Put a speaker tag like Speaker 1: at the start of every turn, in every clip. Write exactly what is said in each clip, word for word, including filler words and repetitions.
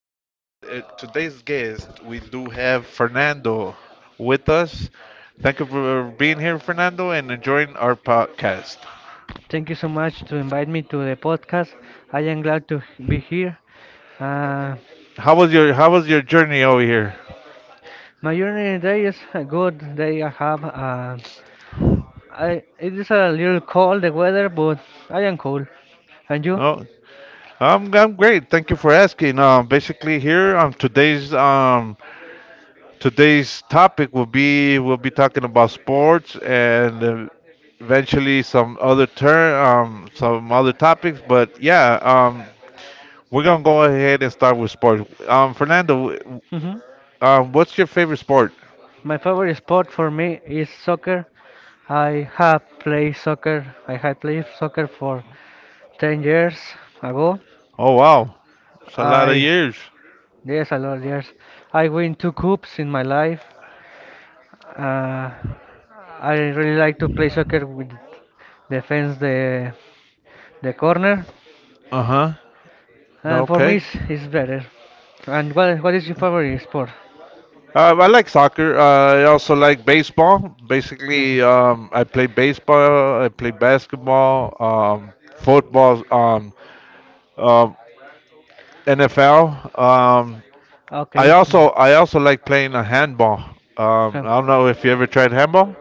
Speaker 1: today. And uh, Today's guest, we do have Fernando with us. Thank you for being here, Fernando, and enjoying our podcast.
Speaker 2: Thank you so much to invite me to the podcast. I am glad to h- be here. Uh,
Speaker 1: How was your How was your journey over here?
Speaker 2: my journey today is a good day. I have. Uh, I it is a little cold the weather, but I am cool. And you?
Speaker 1: No, I'm I'm great. Thank you for asking. Um, basically, here um today's um today's topic will be we'll be talking about sports and uh, eventually some other turn um some other topics. But yeah, um we're gonna go ahead and start with sports. Um, Fernando, w-
Speaker 2: Hmm.
Speaker 1: um, what's your favorite sport?
Speaker 2: My favorite sport for me is soccer. I have played soccer. I had played soccer for ten years ago.
Speaker 1: Oh wow, it's a lot of
Speaker 2: I
Speaker 1: years.
Speaker 2: Yes, a lot of years. I win two cups in my life. Uh, I really like to play soccer with defense the the corner,
Speaker 1: Uh huh.
Speaker 2: and for me
Speaker 1: Okay.
Speaker 2: it's, it's better. And what what is your favorite sport?
Speaker 1: Uh, I like soccer. Uh, I also like baseball.
Speaker 2: Miss-
Speaker 1: Basically, um, I play baseball. I play basketball. Um, football. Um, um, N F L. Um, I
Speaker 2: Okay.
Speaker 1: also I also like playing a handball. Um, I
Speaker 2: Um,
Speaker 1: don't know if you ever tried handball.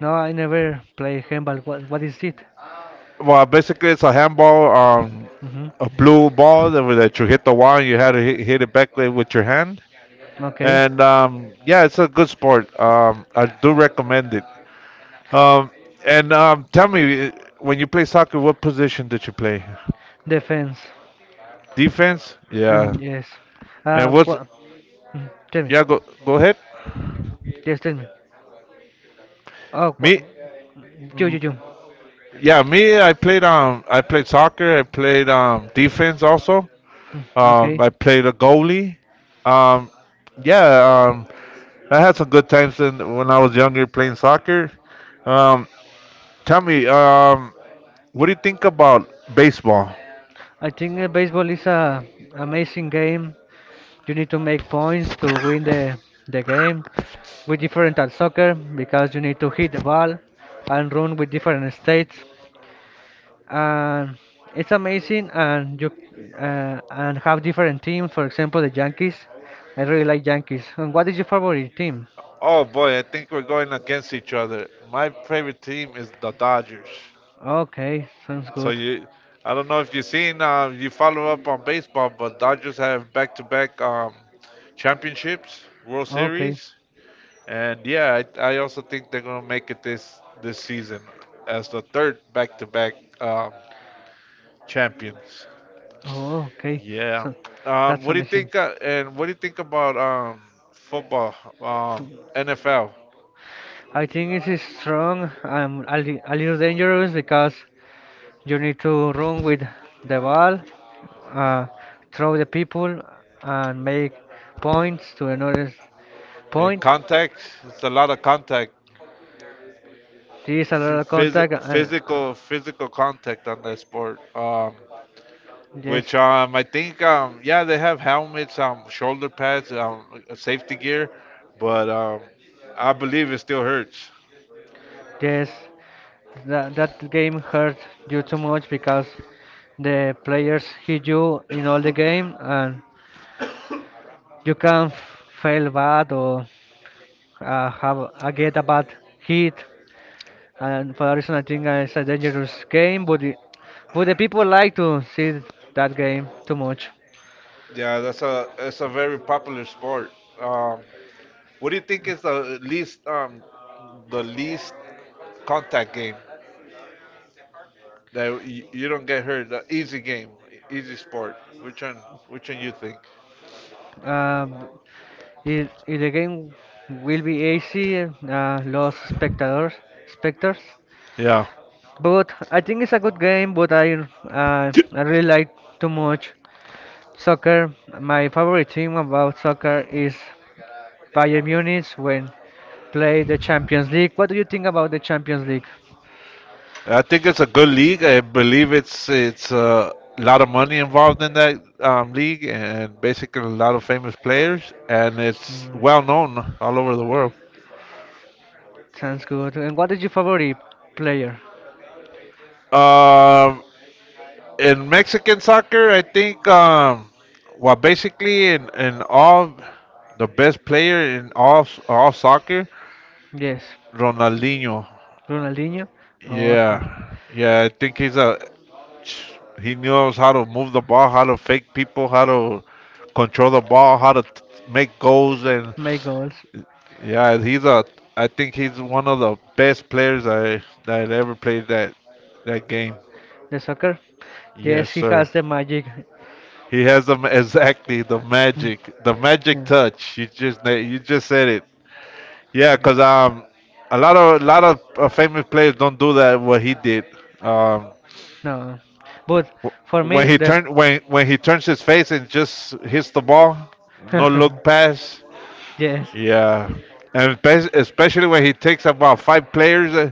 Speaker 2: No, I never play handball. What what is it?
Speaker 1: Well, basically, it's a handball, um,
Speaker 2: Hmm.
Speaker 1: a blue ball that, that you hit the wall and you had to hit, hit it back with your hand.
Speaker 2: Okay.
Speaker 1: And um, yeah, it's a good sport. Um, I do recommend it. Um, and um, tell me, uh, when you play soccer, what position did you play?
Speaker 2: Defense.
Speaker 1: Defense?
Speaker 2: Uh,
Speaker 1: Yeah.
Speaker 2: yes. Uh,
Speaker 1: And what's?
Speaker 2: what? Mm, tell me.
Speaker 1: Yeah, go go ahead.
Speaker 2: Yes, tell me. Oh, what?
Speaker 1: Me?
Speaker 2: You, you, you.
Speaker 1: Yeah, me. I played um, I played soccer. I played um, defense also.
Speaker 2: Mm.
Speaker 1: Um,
Speaker 2: Okay.
Speaker 1: I played a goalie. Um, yeah. Um, I had some good times in, when I was younger playing soccer. Um, tell me, um, what do you think about baseball?
Speaker 2: I think uh, baseball is a amazing game. You need to make points to win the the game. We different at soccer because you need to hit the ball and run with different states. And it's amazing and you uh, and have different teams. For example, the Yankees. I really like Yankees. And what is your favorite team?
Speaker 1: Oh boy, I think we're going against each other. My favorite team is the Dodgers.
Speaker 2: Okay, sounds
Speaker 1: So
Speaker 2: good.
Speaker 1: you, I don't know if you've seen, uh, you follow up on baseball, but Dodgers have back-to-back um, championships, World
Speaker 2: Okay.
Speaker 1: Series, and yeah, I, I also think they're gonna make it this this season as the third back-to-back um, champions.
Speaker 2: Oh, okay.
Speaker 1: Yeah.
Speaker 2: So
Speaker 1: Um,
Speaker 2: that's
Speaker 1: what do you
Speaker 2: amazing.
Speaker 1: think? Uh, and what do you think about um, football, um, N F L,
Speaker 2: I think it is strong and a, li a little dangerous because you need to run with the ball, uh, throw the people, and make points to another
Speaker 1: and
Speaker 2: point.
Speaker 1: contact? It's a lot of contact,
Speaker 2: There is a lot of contact.
Speaker 1: phys-
Speaker 2: And, uh,
Speaker 1: physical, physical contact on that sport. Um,
Speaker 2: yes.
Speaker 1: which um, I think um, yeah, they have helmets, um, shoulder pads, um, safety gear, but um, I believe it still hurts.
Speaker 2: Yes. That, that game hurt you too much because the players hit you in all the game and you can f- fail bad or uh, have a, get a bad hit. And for that reason, I think uh, it's a dangerous game, but, the- but the people like to see that game too much.
Speaker 1: Yeah, that's a it's a very popular sport. Um, What do you think is the least um the least contact game that you, you don't get hurt? The easy game, e- easy sport. Which one? Which one you think?
Speaker 2: Um, if, if the game will be easy, uh, lost spectators, spectators.
Speaker 1: Yeah,
Speaker 2: But I think it's a good game, but I, uh, I really like too much soccer. My favorite thing about soccer is Bayern Munich when play the Champions League. What do you think about the Champions League?
Speaker 1: I think it's a good league. I believe it's it's a lot of money involved in that um, league, and basically a lot of famous players, and it's
Speaker 2: Mm,
Speaker 1: well known all over the world.
Speaker 2: sounds good. And what is your favorite player?
Speaker 1: Um, in Mexican soccer, I think um, well, basically in in all the best player in all all soccer,
Speaker 2: Yes,
Speaker 1: Ronaldinho.
Speaker 2: Ronaldinho. Oh, th-
Speaker 1: Yeah, yeah, I think he's a he knows how to move the ball, how to fake people, how to control the ball, how to t- make goals, and
Speaker 2: make goals.
Speaker 1: yeah, he's a. I think he's one of the best players I that ever played that that game.
Speaker 2: The soccer. Yes,
Speaker 1: Yes,
Speaker 2: he
Speaker 1: sir.
Speaker 2: has the magic.
Speaker 1: He has the exactly the
Speaker 2: Mm,
Speaker 1: magic, the magic
Speaker 2: yeah.
Speaker 1: touch. You just na- you just said it. Yeah, cause um, a lot of a lot of uh, famous players don't do that. What he did, um,
Speaker 2: No, but for
Speaker 1: wh- when
Speaker 2: me
Speaker 1: he
Speaker 2: the
Speaker 1: turned when when he turns his face and just hits the ball, no look pass.
Speaker 2: yes.
Speaker 1: Yeah, and bes- especially when he takes about five players, uh,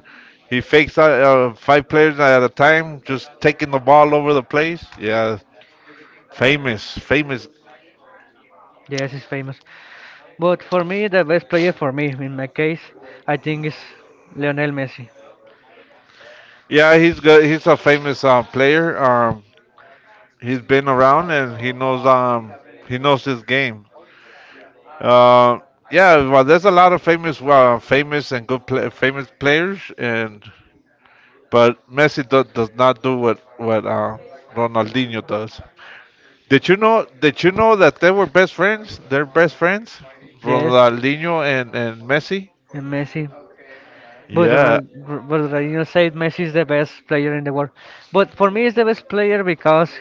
Speaker 1: he fakes out uh, five players at a time, just taking the ball over the place. Yeah, famous, famous.
Speaker 2: Yes, he's famous. But for me, the best player for me, in my case, I think is Lionel Messi.
Speaker 1: Yeah, he's good. He's a famous uh, player. Um, he's been around and he knows um he knows his game. Uh, yeah, well, there's a lot of famous uh, famous and good pla famous players and but Messi do- does not do what what uh, Ronaldinho does. Did you know? Did you know that they were best friends? They're best friends,
Speaker 2: Yes,
Speaker 1: Ronaldinho and and Messi.
Speaker 2: and Messi. But
Speaker 1: Yeah,
Speaker 2: Ronal- R- but Ronaldinho said Messi is the best player in the world. But for me, he's the best player because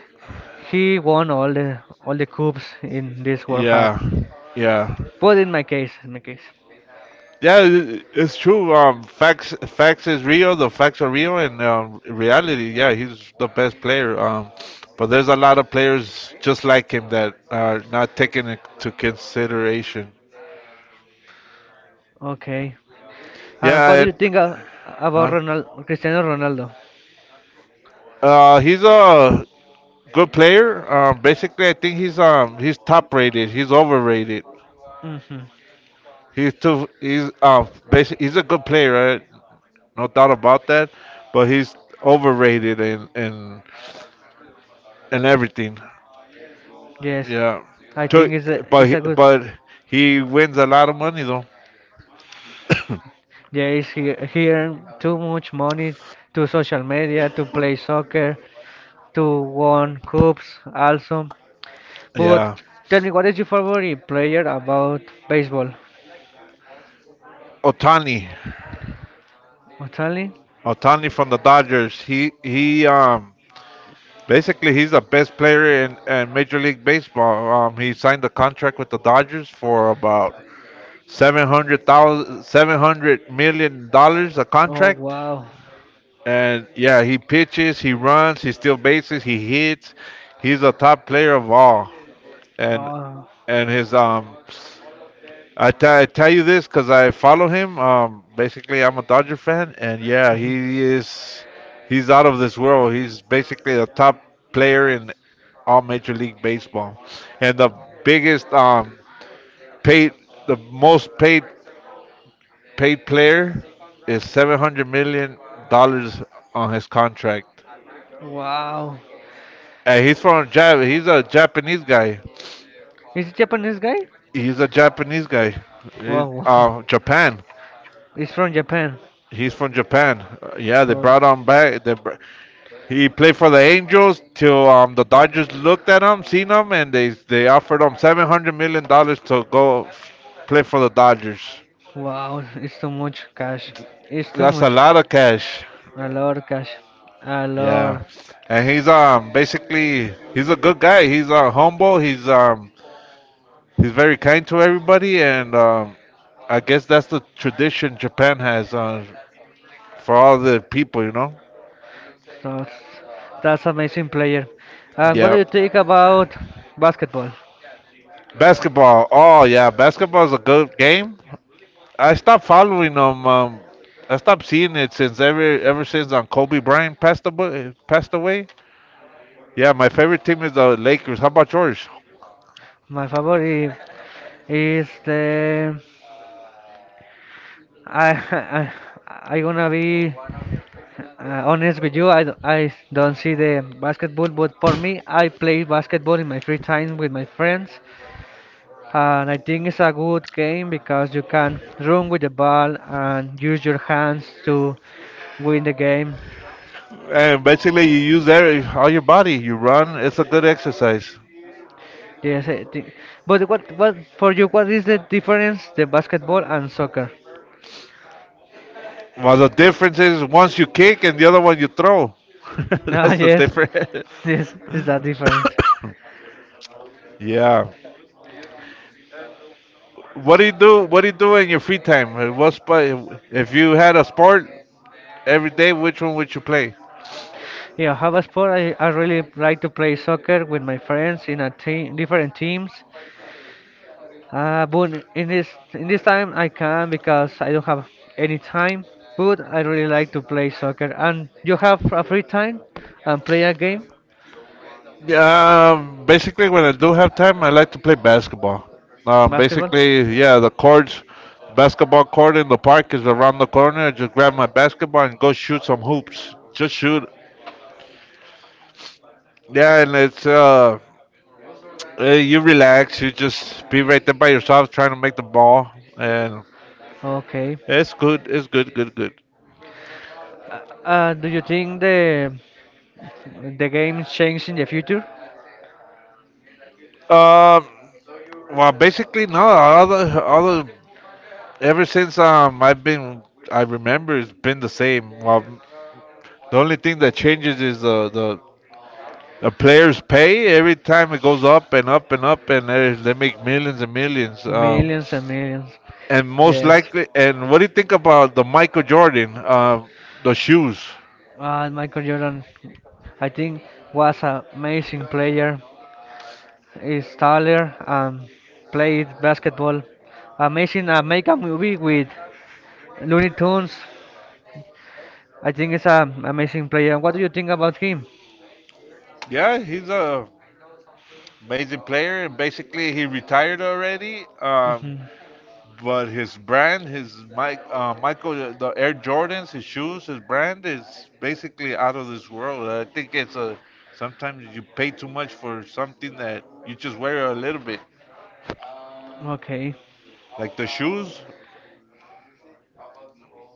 Speaker 2: he won all the all the cups in this World Cup.
Speaker 1: Yeah, yeah,
Speaker 2: But in my case, in my case.
Speaker 1: yeah. i- It's true. Um, facts, facts is real. The facts are real, and um, reality. Yeah, he's the best player. Um, but there's a lot of players just like him that are not taken into consideration.
Speaker 2: Okay. Uh,
Speaker 1: Yeah,
Speaker 2: what do you
Speaker 1: it,
Speaker 2: think uh, about
Speaker 1: huh?
Speaker 2: Ronald, Cristiano Ronaldo?
Speaker 1: Uh, he's a good player. Um, basically, I think he's um he's top rated. He's overrated.
Speaker 2: Hmm.
Speaker 1: He's too he's uh basic. He's a good player. Right? No doubt about that. But he's overrated and and and everything.
Speaker 2: Yes,
Speaker 1: Yeah,
Speaker 2: I
Speaker 1: to,
Speaker 2: think it's a
Speaker 1: but
Speaker 2: it's
Speaker 1: he-
Speaker 2: a good.
Speaker 1: but he wins a lot of money though.
Speaker 2: Yeah, it's he, he earned too much money to social media to play soccer to won cups also. But
Speaker 1: Yeah,
Speaker 2: tell me, what is your favorite player about baseball?
Speaker 1: Otani,
Speaker 2: Otani?
Speaker 1: Otani from the Dodgers. He he um basically he's the best player in, in Major League Baseball. Um, he signed a contract with the Dodgers for about seven hundred thousand seven hundred million dollars a
Speaker 2: Oh
Speaker 1: contract.
Speaker 2: wow!
Speaker 1: And yeah, he pitches, he runs, he steals bases, he hits. He's a top player of all. And
Speaker 2: Oh,
Speaker 1: and his um, I te- I tell you this because I follow him. Um, basically, I'm a Dodger fan, and yeah, he
Speaker 2: mhm.
Speaker 1: is. He's out of this world. He's basically a top player in all Major League Baseball, and the biggest um paid, the most paid paid player is seven hundred million dollars on his contract.
Speaker 2: Wow.
Speaker 1: And he's from Jap. He's a Japanese guy.
Speaker 2: Is it Japanese guy?
Speaker 1: He's a Japanese guy. He's,
Speaker 2: Wow. wow.
Speaker 1: uh, Japan.
Speaker 2: It's from Japan.
Speaker 1: He's from Japan. Uh, yeah, they
Speaker 2: Oh,
Speaker 1: brought him back. They br- he played for the Angels till um, the Dodgers looked at him, seen him, and they they offered him seven hundred million dollars to go f- play for the Dodgers.
Speaker 2: wow, it's too much cash. It's too
Speaker 1: That's a
Speaker 2: much.
Speaker 1: lot of cash.
Speaker 2: A lot of cash. A
Speaker 1: Yeah,
Speaker 2: lot.
Speaker 1: and he's um basically he's a good guy. He's uh, humble. He's um He's very kind to everybody, and um, I guess that's the tradition Japan has uh, for all the people, you know?
Speaker 2: That's, that's amazing player. And what do
Speaker 1: Yeah.
Speaker 2: you think about basketball?
Speaker 1: Basketball. Oh, yeah. Basketball is a good game. I stopped following them. Um, I stopped seeing it since ever ever since um, Kobe Bryant passed away. Passed away. Yeah, my favorite team is the Lakers. How about yours?
Speaker 2: My favorite is the I I I gonna be Uh, honest with you, I, d- I don't see the basketball, but for me, I play basketball in my free time with my friends, and I think it's a good game because you can run with the ball and use your hands to win the game.
Speaker 1: And basically, you use every, all your body. You run. It's a good exercise.
Speaker 2: Yes, I think. But what what for you? What is the difference the basketball and soccer?
Speaker 1: Well, the difference is once you kick and the other one you throw.
Speaker 2: Ah,
Speaker 1: That's the
Speaker 2: yes,
Speaker 1: difference.
Speaker 2: yes, is that difference?
Speaker 1: Yeah. What do you do? What do you do in your free time? Uh, What sport? If you had a sport every day, which one would you play?
Speaker 2: Yeah, have a sport. I, I really like to play soccer with my friends in a team, different teams. Uh, but in this in this time I can because I don't have any time. But I really like to play soccer. And you have a free time and play a game,
Speaker 1: Um, basically, when I do have time, I like to play basketball. Um,
Speaker 2: basketball.
Speaker 1: basically, yeah, the courts, basketball court in the park is around the corner. I just grab my basketball and go shoot some hoops. Just shoot. Yeah, and it's uh, Uh, you relax. You just be right there by yourself, trying to make the ball, and
Speaker 2: Okay.
Speaker 1: it's good. It's good. Good. Good.
Speaker 2: Uh, uh, do you think the the game change in the future?
Speaker 1: Um. Well, basically, no. All the, all the, ever since um, I've been, I remember it's been the same. Well, the only thing that changes is the the, the players' pay. Every time it goes up and up and up, and they they make millions and millions. Um,
Speaker 2: Millions and millions.
Speaker 1: and most
Speaker 2: Yes.
Speaker 1: likely, and what do you think about the Michael Jordan? Uh, the shoes.
Speaker 2: Uh, Michael Jordan, I think, was an amazing player. Is taller and played basketball. Amazing, uh, make a movie with Looney Tunes. I think it's an amazing player. What do you think about him?
Speaker 1: Yeah, he's a amazing player, and basically he retired already. Um,
Speaker 2: Hmm.
Speaker 1: but his brand, his Mike, uh, Michael, uh, the Air Jordans, his shoes, his brand is basically out of this world. I think it's a Sometimes you pay too much for something that you just wear a little bit.
Speaker 2: Okay.
Speaker 1: Like the shoes,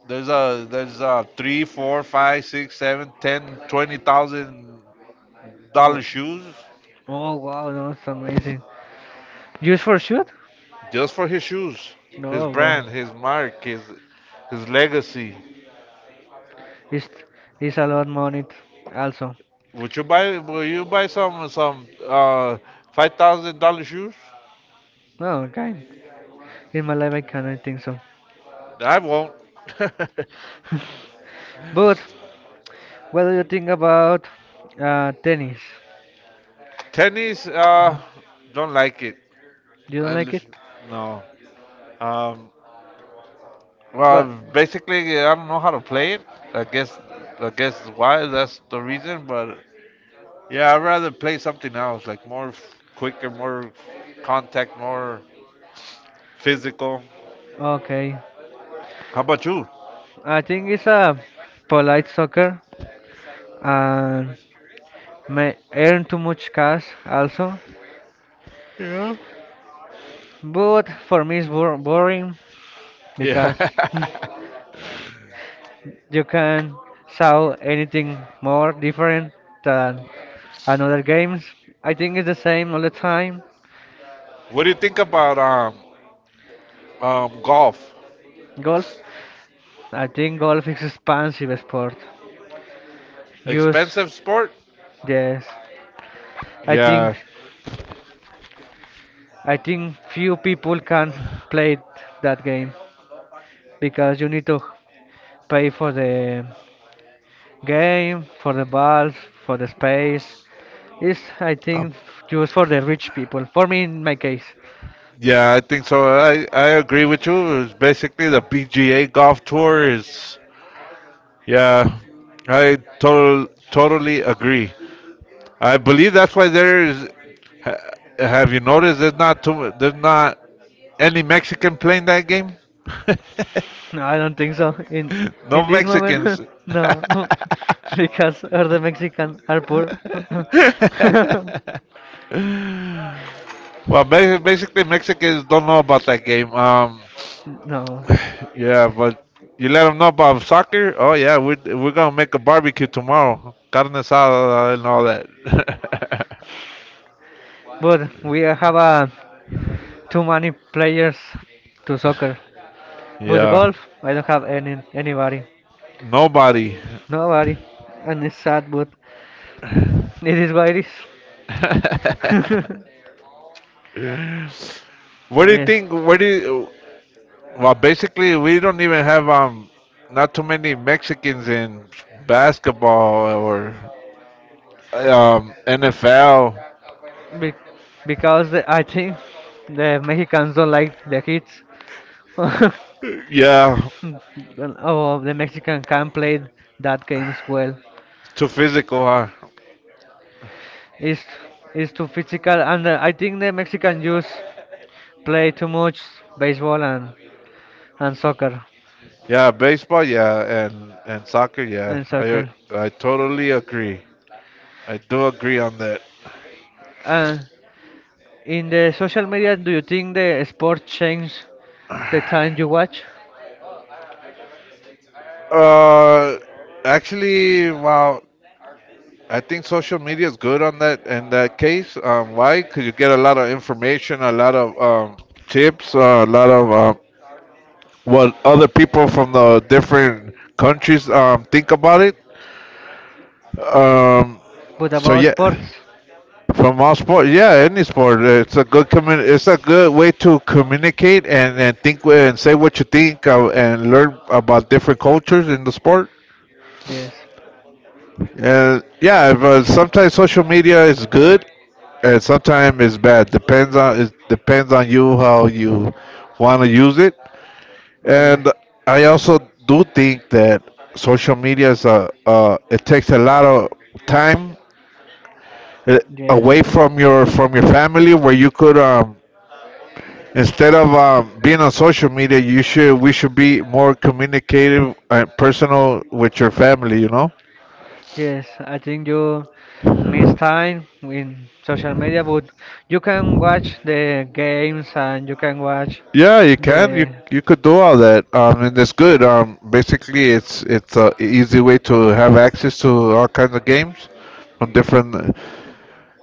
Speaker 1: there's a there's a three, four, five, six, seven, ten, twenty thousand
Speaker 2: Wo-
Speaker 1: dollar shoes
Speaker 2: Oh wow, that's amazing. Used for shoot?
Speaker 1: just for his shoes, his
Speaker 2: No, wow.
Speaker 1: brand, his mark, his his legacy.
Speaker 2: It's it's a lot money t- also.
Speaker 1: Would you buy? Will you buy some some uh five thousand dollar shoes?
Speaker 2: Oh, okay. In my life I cannot think so.
Speaker 1: I won't.
Speaker 2: But what do you think about uh, tennis?
Speaker 1: Tennis, uh, don't like it.
Speaker 2: You don't like
Speaker 1: And
Speaker 2: it?
Speaker 1: no. Um. Well,
Speaker 2: Well,
Speaker 1: basically, I don't know how to play it. I guess I guess why that's the reason. But yeah, I'd rather play something else, like more f- quicker, more contact, more physical.
Speaker 2: okay.
Speaker 1: How about you?
Speaker 2: I think it's a polite soccer and may earn too much cash also.
Speaker 1: Yeah.
Speaker 2: But for me it's bor boring
Speaker 1: Yeah.
Speaker 2: because you can saw anything more different than another games. I think it's the same all the time.
Speaker 1: What do you think about um um golf?
Speaker 2: Golf? I think golf is expensive sport. Yes,
Speaker 1: Expensive sport?
Speaker 2: yes. I Yeah,
Speaker 1: Yeah,
Speaker 2: think I think few people can play that game because you need to pay for the game, for the balls, for the space. It's I
Speaker 1: um,
Speaker 2: think just for the rich people. For me, in my case,
Speaker 1: yeah, I think so. I I agree with you. It's basically the P G A Golf Tour is. Yeah, I total totally agree. I believe that's why there is. ha- Have you noticed there's not too there's not any Mexican playing that game?
Speaker 2: I don't think so. In
Speaker 1: No
Speaker 2: in this
Speaker 1: Mexicans.
Speaker 2: moment, no, because all the Mexicans are poor.
Speaker 1: Well, ba- basically Mexicans don't know about that game. Um,
Speaker 2: no,
Speaker 1: Yeah, but you let them know about soccer. Oh yeah, we're we're gonna make a barbecue tomorrow, carne asada and all that.
Speaker 2: but we have a too many players to soccer. But
Speaker 1: yeah,
Speaker 2: golf, I don't have any anybody.
Speaker 1: nobody.
Speaker 2: Nobody. And it's sad, but it is what it is.
Speaker 1: What do you
Speaker 2: yes.
Speaker 1: think? What do you? Well, basically, we don't even have um not too many Mexicans in basketball or um N F L.
Speaker 2: Be- because the- I think the Mexicans don't like the kids. oh,
Speaker 1: Yeah,
Speaker 2: the Mexican can play that games well.
Speaker 1: too physical, huh?
Speaker 2: It's, it's too physical, and uh, I think the Mexican youth play too much baseball and, and soccer.
Speaker 1: Yeah, baseball, yeah, and and soccer, yeah.
Speaker 2: In
Speaker 1: I
Speaker 2: soccer.
Speaker 1: I totally agree. I do agree on that.
Speaker 2: And in the social media, do you think the sport change the time you watch?
Speaker 1: Uh, actually, wow, I think social media is good on that in that case. Um, why? Because you get a lot of information, a lot of um, tips, uh, a lot of um, what other people from the different countries um, think about it. Um,
Speaker 2: But
Speaker 1: so
Speaker 2: about
Speaker 1: yeah.
Speaker 2: sports,
Speaker 1: From all sport, yeah, any sport. It's a good commun- It's a good way to communicate and, and think wh- and say what you think uh, and learn about different cultures in the sport.
Speaker 2: yes.
Speaker 1: And yeah, if, uh, sometimes social media is good and sometimes it's bad. Depends on It depends on you how you want to use it.
Speaker 2: Oh yes,
Speaker 1: And I also do think that social media is a uh, it takes a lot of time uh,
Speaker 2: yes,
Speaker 1: away from your from your family where you could um instead of um, being on social media, you should we should be more communicative and personal with your family. You know.
Speaker 2: yes. I think you miss time in social media, but you can watch the games and you can watch
Speaker 1: Yeah, you can. You
Speaker 2: the
Speaker 1: you could do all that, um, and that's good. Um, basically, it's it's a easy way to have access to all kinds of games from different uh,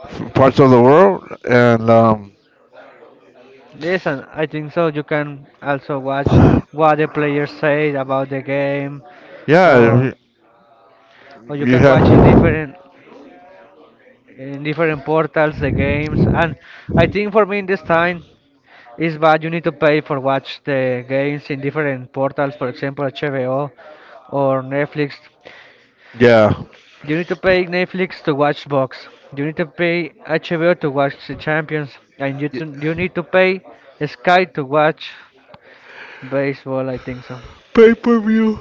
Speaker 1: f- parts of the world, and um,
Speaker 2: yes, and I think so. You can also watch what the players say about the game. or
Speaker 1: yeah,
Speaker 2: or you
Speaker 1: you you
Speaker 2: can watch in
Speaker 1: have.
Speaker 2: different in different portals the games and I think for me in this time is bad. You need to pay for watch the games in different portals, for example HBO or Netflix.
Speaker 1: Yeah.
Speaker 2: You need to pay Netflix to watch box. You need to pay HBO to watch the Champions, and you,
Speaker 1: Y-
Speaker 2: to, you need to pay Sky to watch baseball, I think so.
Speaker 1: Pay per view.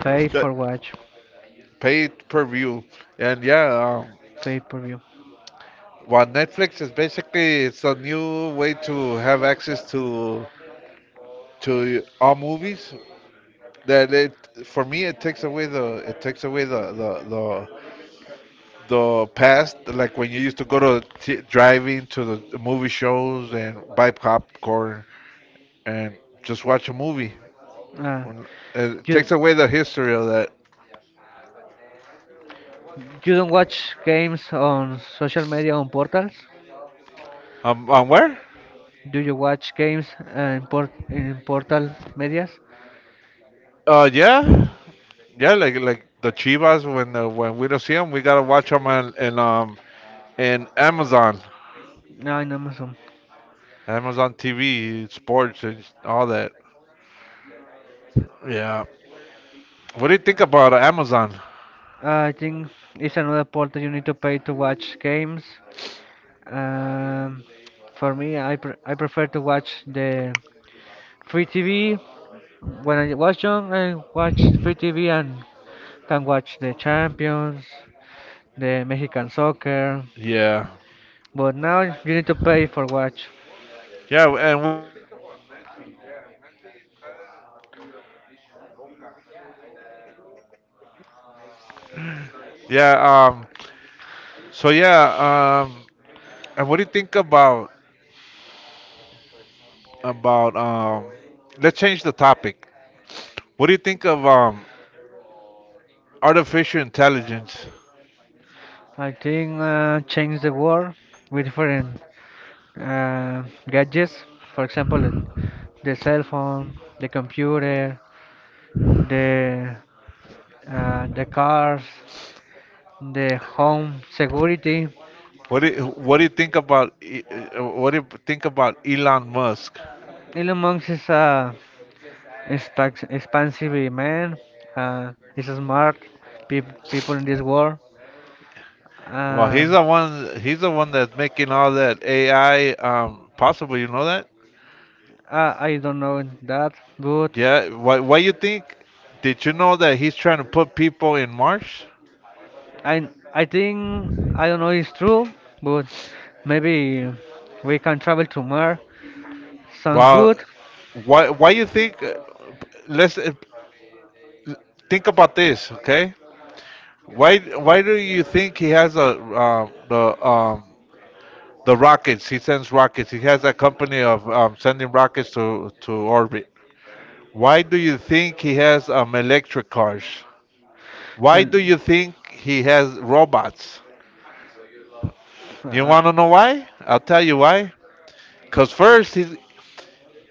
Speaker 2: Pay
Speaker 1: That
Speaker 2: for watch.
Speaker 1: pay per view, and yeah, um,
Speaker 2: Pay per view.
Speaker 1: what Netflix is basically it's a new way to have access to to all movies. That it For me it takes away the it takes away the the the, the past, like when you used to go to t- driving to the the movie shows and buy popcorn and just watch a movie.
Speaker 2: uh,
Speaker 1: Well, it
Speaker 2: you
Speaker 1: takes away the history of that.
Speaker 2: You don't watch games on social media on portals?
Speaker 1: Um, um where?
Speaker 2: Do you watch games uh, in, port in portal medias?
Speaker 1: Uh, yeah, yeah, like like the Chivas when uh, when we don't see them, we gotta watch them on and um in Amazon,
Speaker 2: No, in Amazon.
Speaker 1: Amazon T V, sports and all that. Yeah. What do you think about Amazon?
Speaker 2: I think it's another portal you need to pay to watch games. Um, for me, I pr I prefer to watch the free T V. When I was young, I watched free T V and can watch the Champions, the Mexican soccer.
Speaker 1: Yeah.
Speaker 2: But now you need to pay for watch.
Speaker 1: Yeah, and yeah, um so yeah, um and what do you think about about um? Let's change the topic. What do you think of um artificial intelligence?
Speaker 2: I think uh, change the world with different uh, gadgets. For example, the, the cell phone, the computer, the uh, the cars, the home security.
Speaker 1: What do you, what do you think about E- uh, What do you think about Elon Musk?
Speaker 2: Elon Musk is a expac- expansive man. Uh, he's smart. Peop people in this world.
Speaker 1: Well, he's
Speaker 2: Um,
Speaker 1: the one he's the one that's making all that A I um possible. You know that?
Speaker 2: I, I don't know that, but
Speaker 1: Yeah. Why why you think? Did you know that he's trying to put people in Mars?
Speaker 2: I I think I don't know it's true, but maybe we can travel to Mars. Sounds
Speaker 1: Well,
Speaker 2: good.
Speaker 1: why why you think? Let's uh, think about this, okay? Why? Why do you think he has a um, the um, the rockets? He sends rockets. He has a company of um, sending rockets to to orbit. Why do you think he has um, electric cars? Why
Speaker 2: Well,
Speaker 1: do you think he has robots? You
Speaker 2: uh,
Speaker 1: want to know why? I'll tell you why. Cause first he's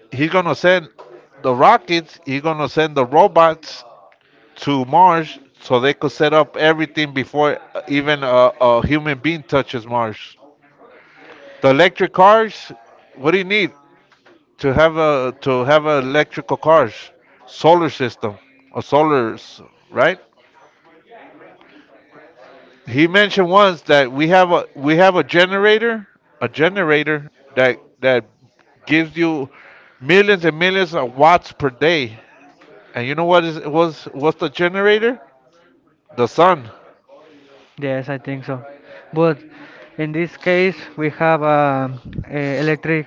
Speaker 1: he's gonna send the rockets. He's gonna send the robots to Mars so they could set up everything before even a, a human being touches Mars. The electric cars. What do you need to have a to have a electrical cars? Solar system, a solar, s- right? He mentioned once that we have a we have a generator, a generator that that gives you millions and millions of watts per day. And you know what is was what's the generator? The sun.
Speaker 2: yes, I think so. But in this case, we have um, uh, e, electric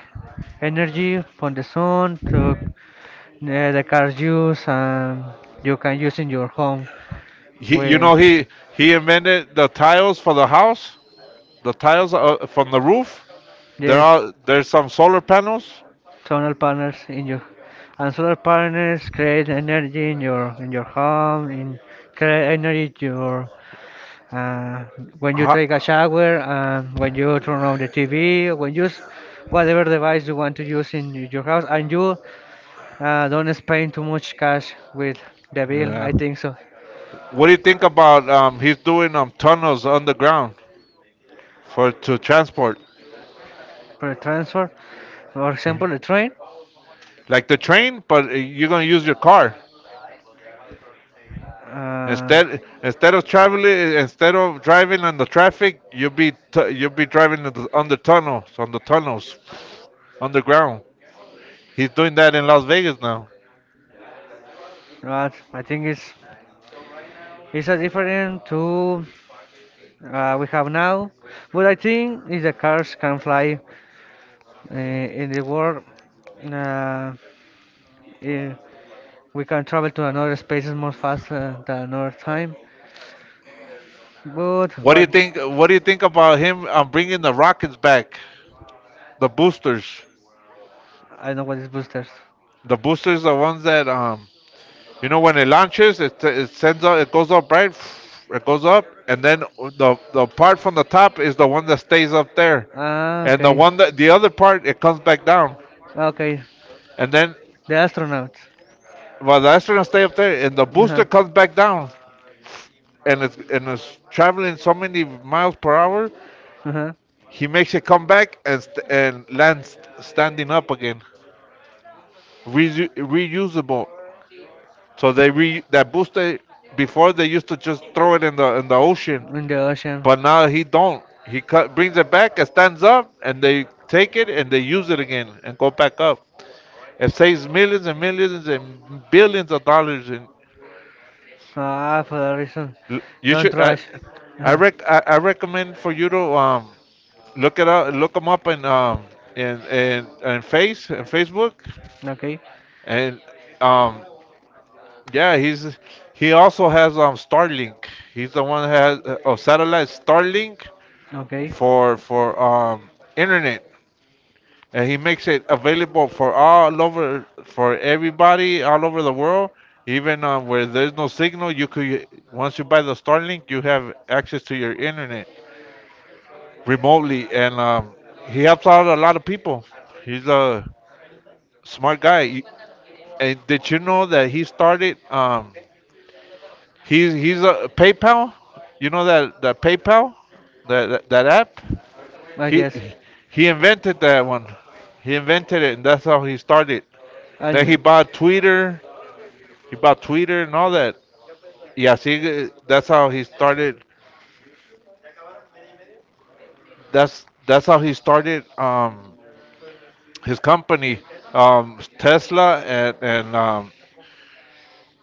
Speaker 2: energy from the sun to uh, the cars use, and you can use in your home.
Speaker 1: He, you
Speaker 2: Where
Speaker 1: know he he invented the tiles for the house, the tiles uh, from the roof. There
Speaker 2: yes,
Speaker 1: are there's some solar panels.
Speaker 2: solar panels in your and solar panels create energy in your in your home in create energy your uh, when you
Speaker 1: Huh?
Speaker 2: take a shower and when you turn on the T V when you use whatever device you want to use in your house and you uh, don't spend too much cash with the bill
Speaker 1: Yeah.
Speaker 2: I think so.
Speaker 1: What do you think about um, he's doing um, tunnels underground for to transport,
Speaker 2: For a transfer, for example the train.
Speaker 1: like the train, but you're gonna use your car
Speaker 2: Uh,
Speaker 1: instead. Instead of traveling, instead of driving on the traffic, you'll be t- you'll be driving on the, on the tunnels, on the tunnels, underground. He's doing that in Las Vegas now.
Speaker 2: right, I think it's it's a different to uh, we have now, but I think if the cars can fly uh, in the world, uh, eh, we can travel to another spaces more faster than another time. But
Speaker 1: What do you
Speaker 2: what
Speaker 1: think? What do you think about him um, bringing the rockets back, the boosters?
Speaker 2: I know what is boosters.
Speaker 1: The boosters, the ones that um, you know when it launches, it it sends up, it goes up right, it goes up, and then the the part from the top is the one that stays up there,
Speaker 2: Ah,
Speaker 1: and the
Speaker 2: okay.
Speaker 1: one that the other part it comes back down,
Speaker 2: Ah, okay.
Speaker 1: and then
Speaker 2: The astronauts.
Speaker 1: well the astronaut stay up there, and the
Speaker 2: Uh-huh.
Speaker 1: booster comes back down, and it's and it's traveling so many miles per hour,
Speaker 2: Uh-huh.
Speaker 1: he makes it come back and st- and lands standing up again, Resu- reusable. So they re that booster before they used to just throw it in the in the ocean.
Speaker 2: In the ocean.
Speaker 1: But now he don't. He cut, brings it back, and stands up, and they take it and they use it again and go back up. It saves millions and millions and billions of dollars. And
Speaker 2: Ah, for that reason.
Speaker 1: you
Speaker 2: Don't
Speaker 1: should, I,
Speaker 2: rush.
Speaker 1: I
Speaker 2: Uh-huh.
Speaker 1: rec, I, I recommend for you to um, look it up, look them up in um, in in, in face in Facebook,
Speaker 2: Okay.
Speaker 1: and um, yeah, he's he also has um Starlink. He's the one that has uh, oh satellite Starlink
Speaker 2: Okay.
Speaker 1: for for um internet. And he makes it available for all over for everybody all over the world, even uh, where there's no signal. You could, once you buy the starlink, you have access to your internet remotely. And um, he helps out a lot of people. He's a smart guy. You- and did you know that he started um, he's he's a PayPal, you know that that PayPal, that that, that app?
Speaker 2: Ah,
Speaker 1: he
Speaker 2: yes.
Speaker 1: he invented that one. He invented it, and that's how he started. Then he
Speaker 2: And
Speaker 1: bought Twitter. He bought Twitter and all that. Yeah, see, uh, that's how he started. That's that's how he started um, his company, um, Tesla and and um,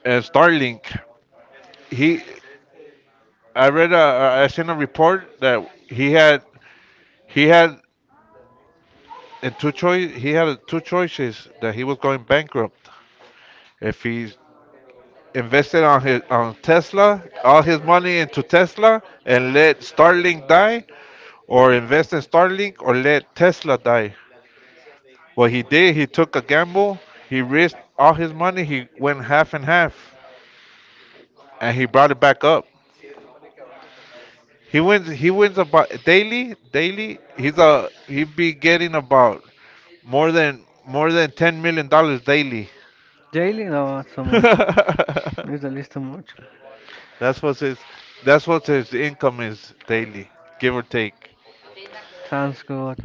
Speaker 1: and Starlink. He, I read a, a- I seen a report that he had he had in two choice he had two choices that he was going bankrupt if he invested on his on Tesla, all his money into Tesla, and let Starlink die, or invest in Starlink or let Tesla die. What he did, he took a gamble. He risked all his money. He went half and half, and he brought it back up. He wins. He wins about daily. Daily, he's a he be getting about more than more than ten million dollars daily.
Speaker 2: daily? No, not so much. It's at least too much.
Speaker 1: that's what his that's what his income is daily, give or take.
Speaker 2: Sounds good.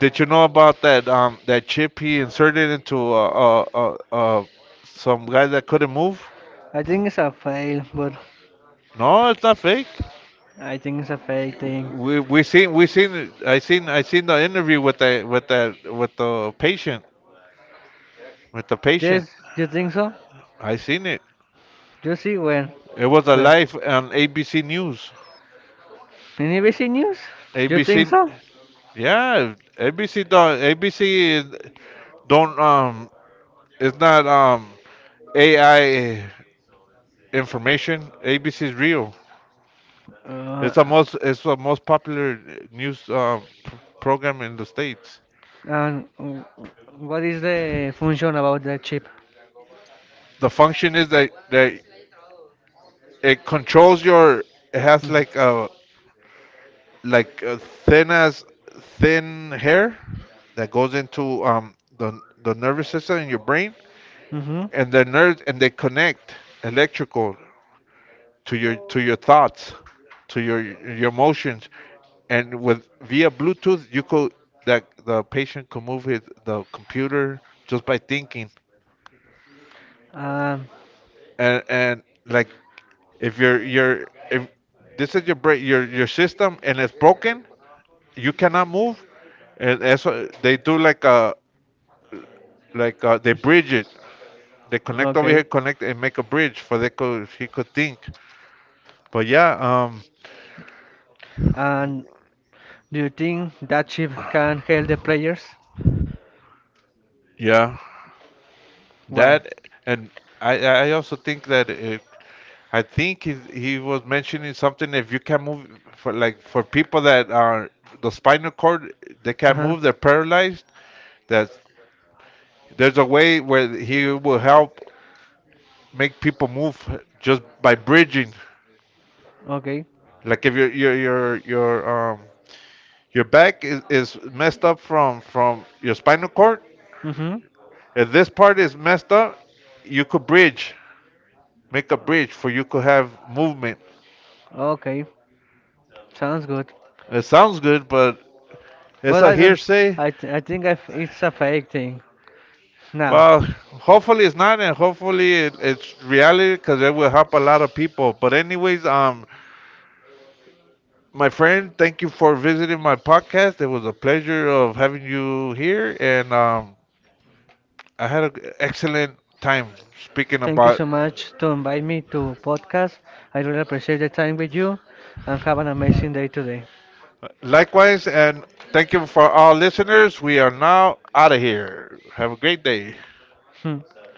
Speaker 1: Did you know about that um that chip he inserted into uh, uh, uh, uh some guy that couldn't move?
Speaker 2: I think it's a fail, but
Speaker 1: No, it's not fake.
Speaker 2: I think it's a fake thing.
Speaker 1: We we seen we seen I seen I seen the interview with the with that with the patient with the patient.
Speaker 2: Yes, you think so?
Speaker 1: I seen it.
Speaker 2: You see when?
Speaker 1: It was a
Speaker 2: Where?
Speaker 1: live on ABC News.
Speaker 2: In A B C News? You think
Speaker 1: ABC,
Speaker 2: so?
Speaker 1: yeah, ABC don't ABC is, don't um it's not um A I information. A B C is real. It's the
Speaker 2: Uh,
Speaker 1: most it's the most popular news um pr- program in the states.
Speaker 2: And w- what is the function about that chip?
Speaker 1: The function is that that it controls your it has like a like uh, thin as thin hair that goes into um, the the nervous system in your brain,
Speaker 2: Hmm.
Speaker 1: and the nerves, and they connect electrical to your to your thoughts, to your your emotions, and with via Bluetooth you could, that the patient could move his the computer just by thinking.
Speaker 2: Um,
Speaker 1: and and like, if your your if this is your break your your system and it's broken, you cannot move, and eso, they do like a like a, they bridge it. They connect over
Speaker 2: okay.
Speaker 1: here, connect and make a bridge for they could he could think. But yeah, um,
Speaker 2: And do you think that chip can help the players?
Speaker 1: yeah.
Speaker 2: Why?
Speaker 1: That and I I also think that it, I think he he was mentioning something, if you can move for like for people that are the spinal cord, they can't
Speaker 2: Uh-huh.
Speaker 1: move, they're paralyzed, that there's a way where he will help make people move just by bridging.
Speaker 2: Okay.
Speaker 1: Like if your your your your um your back is, is messed up from from your spinal cord,
Speaker 2: Mm-hmm.
Speaker 1: if this part is messed up, you could bridge, make a bridge for you could have movement.
Speaker 2: Okay. Sounds good.
Speaker 1: It sounds good, but it's
Speaker 2: But
Speaker 1: a
Speaker 2: I don't.
Speaker 1: hearsay.
Speaker 2: I th- I think I f it's a fake thing. Now,
Speaker 1: Well, hopefully it's not, and hopefully it, it's reality because it will help a lot of people. But anyways, um, my friend, thank you for visiting my podcast. It was a pleasure of having you here, and um, I had an excellent time speaking
Speaker 2: thank you
Speaker 1: about.
Speaker 2: so much to invite me to podcast. I really appreciate the time with you, and have an amazing day today.
Speaker 1: Likewise, and thank you for all listeners. We are now out of here. Have a great day.